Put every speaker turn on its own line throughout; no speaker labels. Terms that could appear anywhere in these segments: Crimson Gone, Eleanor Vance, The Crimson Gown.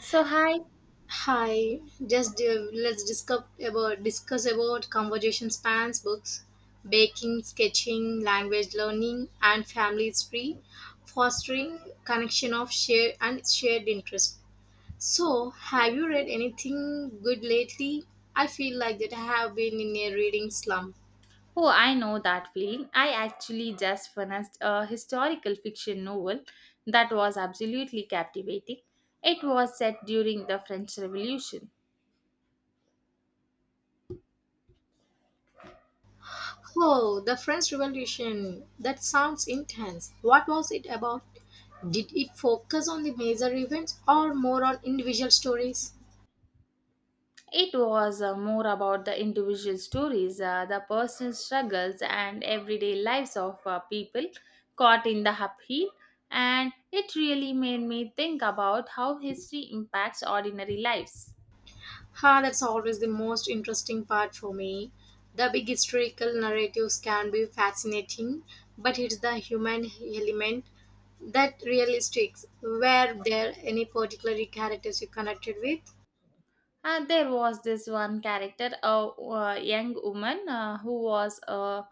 So, hi.
Hi, just let's discuss about conversation spans, books, baking, sketching, language learning, and family history, fostering connection of shared interest. So, have you read anything good lately? I feel like that I have been in a reading slump.
Oh, I know that feeling. I actually just finished a historical fiction novel that was absolutely captivating. It was set during the French Revolution.
Oh, the French Revolution. That sounds intense. What was it about? Did it focus on the major events or more on individual stories?
It was more about the individual stories, the personal struggles, and everyday lives of people caught in the upheaval. And it really made me think about how history impacts ordinary lives.
Ha, that's always the most interesting part for me. The big historical narratives can be fascinating, but it's the human element that really sticks. Were there any particular characters you connected with?
And there was this one character, a young woman who was a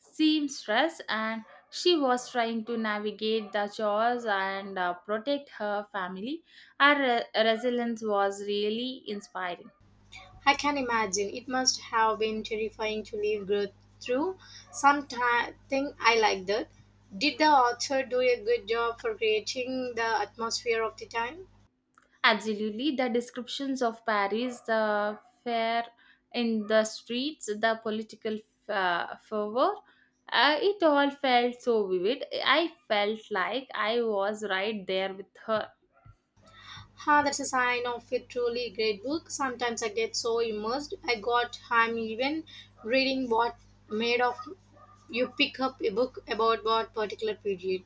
seamstress and she was trying to navigate the chores and protect her family. Her resilience was really inspiring.
I can imagine it must have been terrifying to live growth through. Something I like that. Did the author do a good job for creating the atmosphere of the time?
Absolutely, the descriptions of Paris, the fair in the streets, the political fervor, it all felt so vivid. I felt like I was right there with her.
Ah, that's a sign of a truly great book. Sometimes I get so immersed. I'm even reading what made of you pick up a book about what particular period.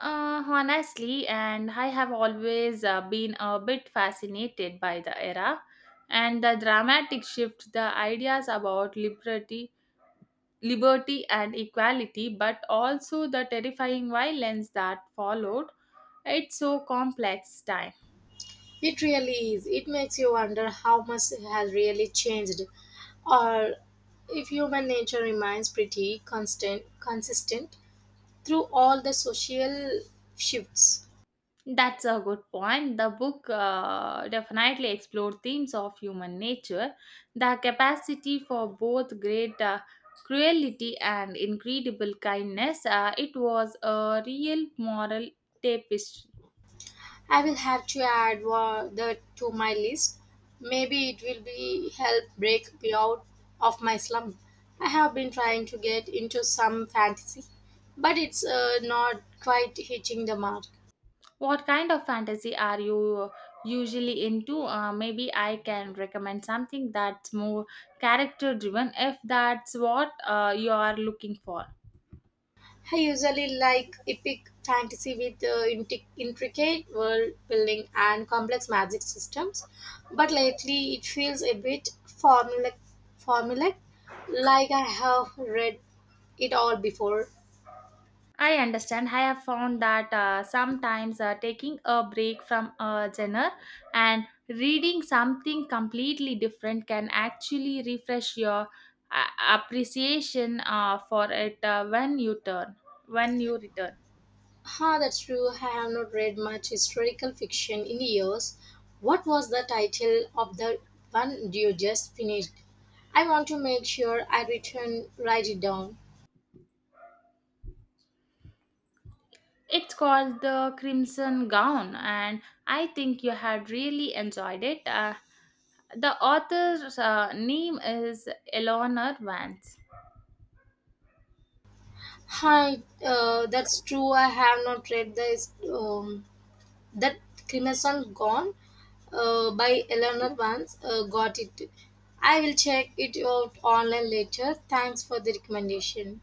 Honestly, and I have always been a bit fascinated by the era and the dramatic shift, the ideas about liberty, liberty and equality, but also the terrifying violence that followed. It's so complex time.
It really is. It makes you wonder how much has really changed, or if human nature remains pretty constant, consistent through all the social shifts.
That's a good point. The book definitely explored themes of human nature, the capacity for both great cruelty and incredible kindness. It was a real moral tapestry.
I will have to add that to my list. Maybe it will be help break me out of my slump. I have been trying to get into some fantasy, but it's not quite hitting the mark.
What kind of fantasy are you usually into? Maybe I can recommend something that's more character driven if that's what you are looking for.
I usually like epic fantasy with intricate world building and complex magic systems, but lately it feels a bit formulaic like I have read it all before.
I understand. I have found that sometimes taking a break from a genre and reading something completely different can actually refresh your appreciation for it when you return.
Ah, that's true. I have not read much historical fiction in years. What was the title of the one you just finished? I want to make sure I return write it down.
It's called The Crimson Gown, and I think you had really enjoyed it. The author's name is Eleanor Vance.
Hi, that's true. I have not read this. That Crimson Gone by Eleanor Vance, got it. I will check it out online later. Thanks for the recommendation.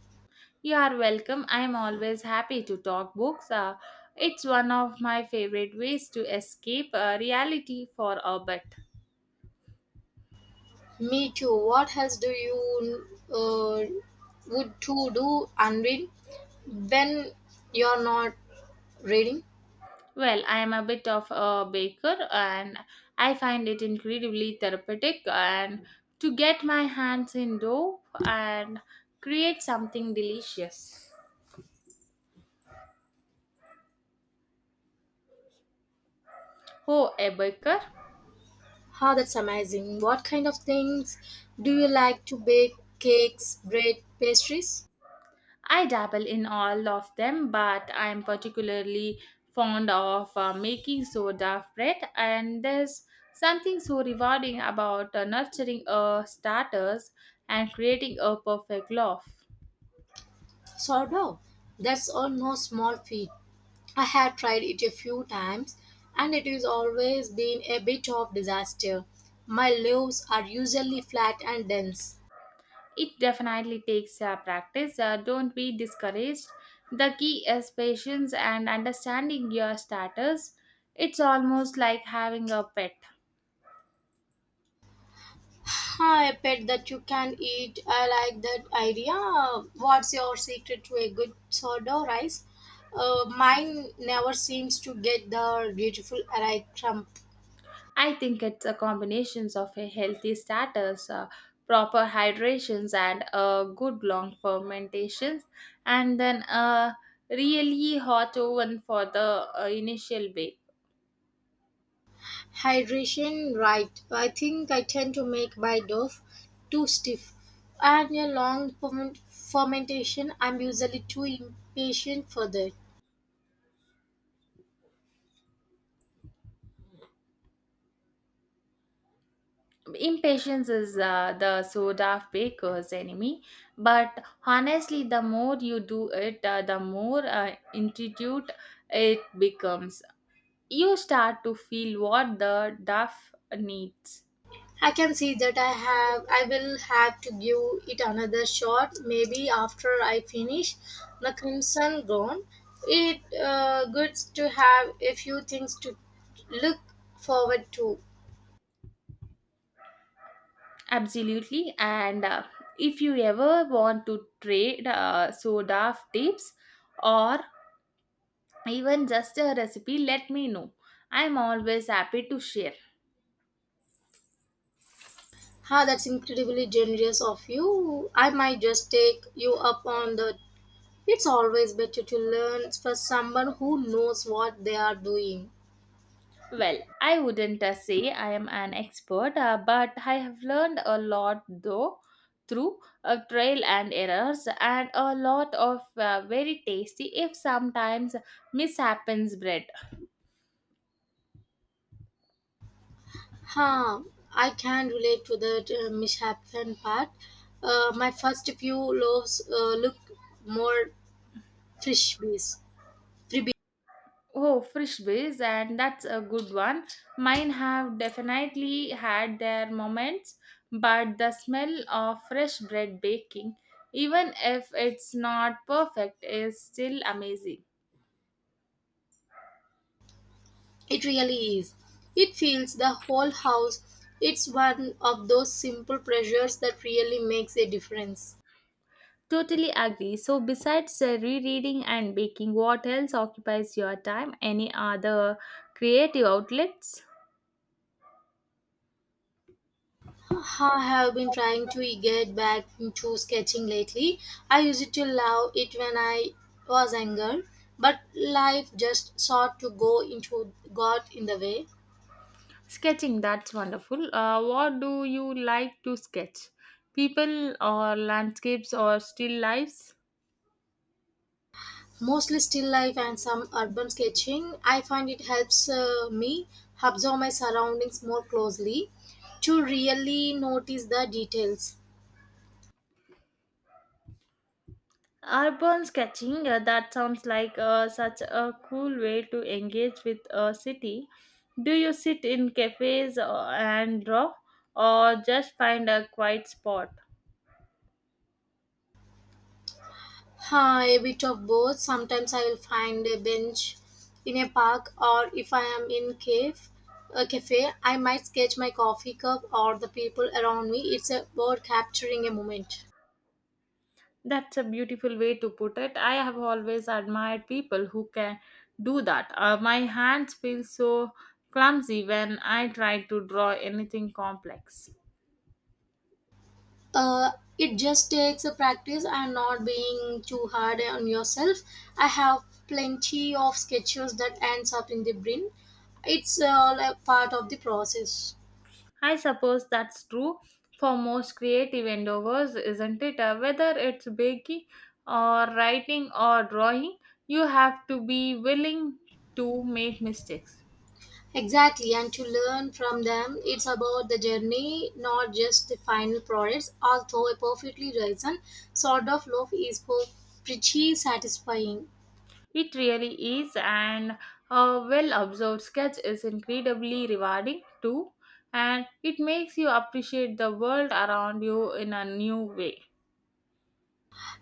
You are welcome. I am always happy to talk books. It's one of my favorite ways to escape reality for a bit.
Me too. What else do you uh, would to do and read when you're not reading?
Well, I am a bit of a baker and I find it incredibly therapeutic and to get my hands in dough and create something delicious. Oh, a baker?
Huh, that's amazing. What kind of things do you like to bake? Cakes, bread, pastries?
I dabble in all of them, but I am particularly fond of making soda bread, and there's something so rewarding about nurturing a starters and creating a perfect loaf.
Sourdough. That's all no small feat. I have tried it a few times and it has always been a bit of disaster. My loaves are usually flat and dense.
It definitely takes practice. Don't be discouraged. The key is patience and understanding your starters. It's almost like having a pet.
Huh? A pet that you can eat. I like that idea. What's your secret to a good sourdough rice? Mine never seems to get the beautiful array crumb.
I think it's a combinations of a healthy status, proper hydrations, and a good long fermentations, and then a really hot oven for the initial bake.
Hydration, right. I think I tend to make my dough too stiff. And a fermentation, I'm usually too impatient for that.
Impatience is the soda baker's enemy, but honestly, the more you do it, the more intuitive it becomes. You start to feel what the duff needs.
I can see that I will have to give it another shot maybe after I finish the Crimson Gown. It good to have a few things to look forward to.
Absolutely. And if you ever want to trade soda tips or even just a recipe, let me know. I'm always happy to share.
Ah, that's incredibly generous of you. I might just take you up on that. It's always better to learn for someone who knows what they are doing.
Well, I wouldn't say I am an expert, but I have learned a lot though through trial and errors and a lot of very tasty, if sometimes mishappens bread.
Huh, I can relate to that mishappen part. My first few loaves look more frisbees. Freebie.
Oh, fresh ways, and that's a good one. Mine have definitely had their moments, but the smell of fresh bread baking, even if it's not perfect, is still amazing.
It really is. It fills the whole house. It's one of those simple pleasures that really makes a difference.
Totally agree. So, besides rereading and baking, what else occupies your time? Any other creative outlets?
I have been trying to get back into sketching lately. I used to love it when I was younger, but life just sought to go into got in the way.
Sketching, that's wonderful. What do you like to sketch? People or landscapes or still lives?
Mostly still life and some urban sketching. I find it helps me observe my surroundings more closely to really notice the details.
Urban sketching, that sounds like such a cool way to engage with a city. Do you sit in cafes and draw, or just find a quiet spot?
Huh, a bit of both. Sometimes I will find a bench in a park, or if I am in cave a cafe, I might sketch my coffee cup or the people around me. It's about capturing a moment.
That's a beautiful way to put it. I have always admired people who can do that. My hands feel so clumsy when I try to draw anything complex.
uh, it just takes a practice and not being too hard on yourself. I have plenty of sketches that ends up in the bin. It's all a part of the process.
I suppose that's true for most creative endeavors, isn't it? Whether it's baking or writing or drawing, you have to be willing to make mistakes.
Exactly, and to learn from them, it's about the journey, not just the final products, although a perfectly risen sort of loaf is pretty satisfying.
It really is, and a well observed sketch is incredibly rewarding too, and it makes you appreciate the world around you in a new way.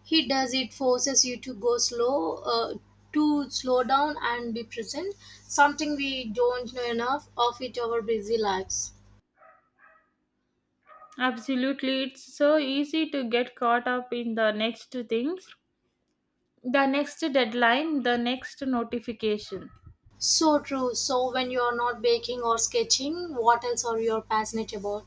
He does it forces you to go slow, to slow down and be present, something we don't know enough of it our busy lives.
Absolutely, it's so easy to get caught up in the next things. The next deadline, the next notification.
So true. So when you are not baking or sketching, what else are you passionate about?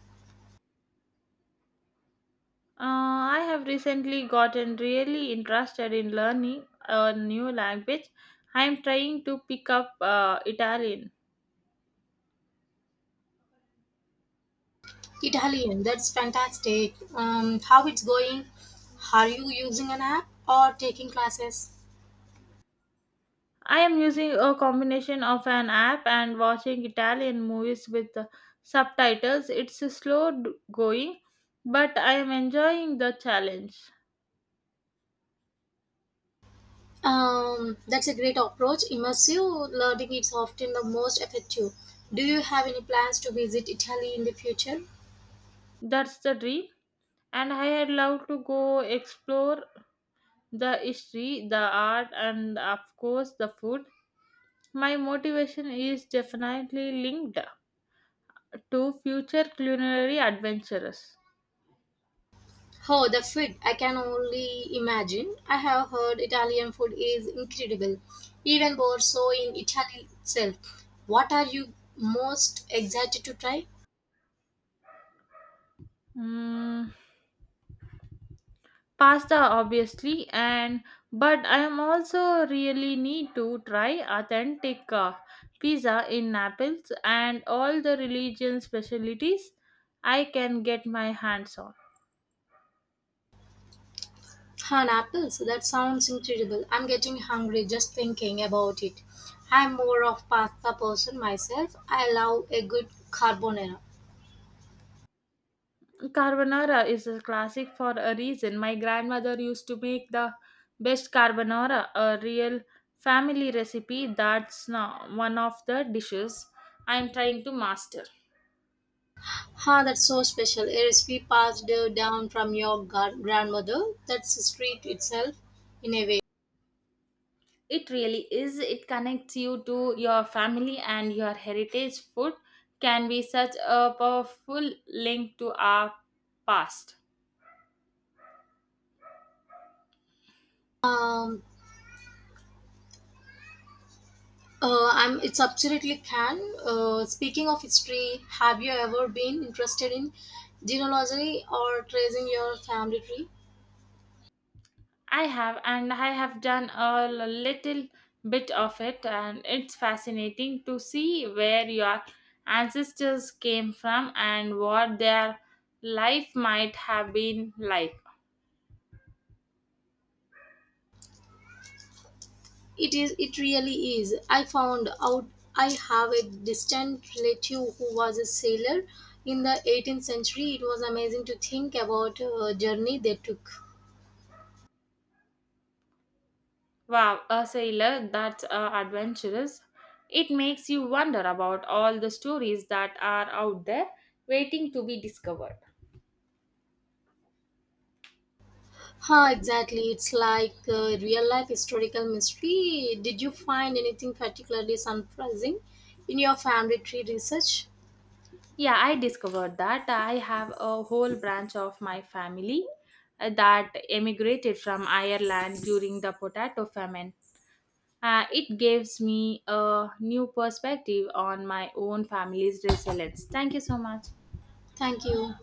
I have recently gotten really interested in learning a new language. I am trying to pick up Italian.
Italian, that's fantastic. How it's going? Are you using an app or taking classes?
I am using a combination of an app and watching Italian movies with the subtitles. It's a slow going, but I am enjoying the challenge.
That's a great approach. Immersive learning is often the most effective. Do you have any plans to visit Italy in the future?
That's the dream. And I had loved to go explore the history, the art, and of course the food. My motivation is definitely linked to future culinary adventures.
Oh, the food! I can only imagine. I have heard Italian food is incredible, even more so in Italy itself. What are you most excited to try?
Mm, pasta obviously and but I am also really need to try authentic pizza in Naples and all the religion specialties I can get my hands on.
Han apples. That sounds incredible. I'm getting hungry just thinking about it. I'm more of pasta person myself. I love a good carbonara.
Carbonara is a classic for a reason. My grandmother used to make the best carbonara, a real family recipe that's now one of the dishes I'm trying to master.
Ha, that's so special. A recipe passed down from your grandmother. That's street itself in a way.
It really is. It connects you to your family and your heritage. Food can be such a powerful link to our past.
Um, I'm, it's absolutely can. Speaking of history, have you ever been interested in genealogy or tracing your family tree?
I have, and I have done a little bit of it, and it's fascinating to see where your ancestors came from and what their life might have been like.
It is. It really is. I found out I have a distant relative who was a sailor in the 18th century. It was amazing to think about journey they took.
Wow, a sailor that's adventurous. It makes you wonder about all the stories that are out there waiting to be discovered.
Huh, exactly. It's like real life historical mystery. Did you find anything particularly surprising in your family tree research?
Yeah, I discovered that I have a whole branch of my family that emigrated from Ireland during the potato famine. It gives me a new perspective on my own family's resilience. Thank you so much.
Thank you.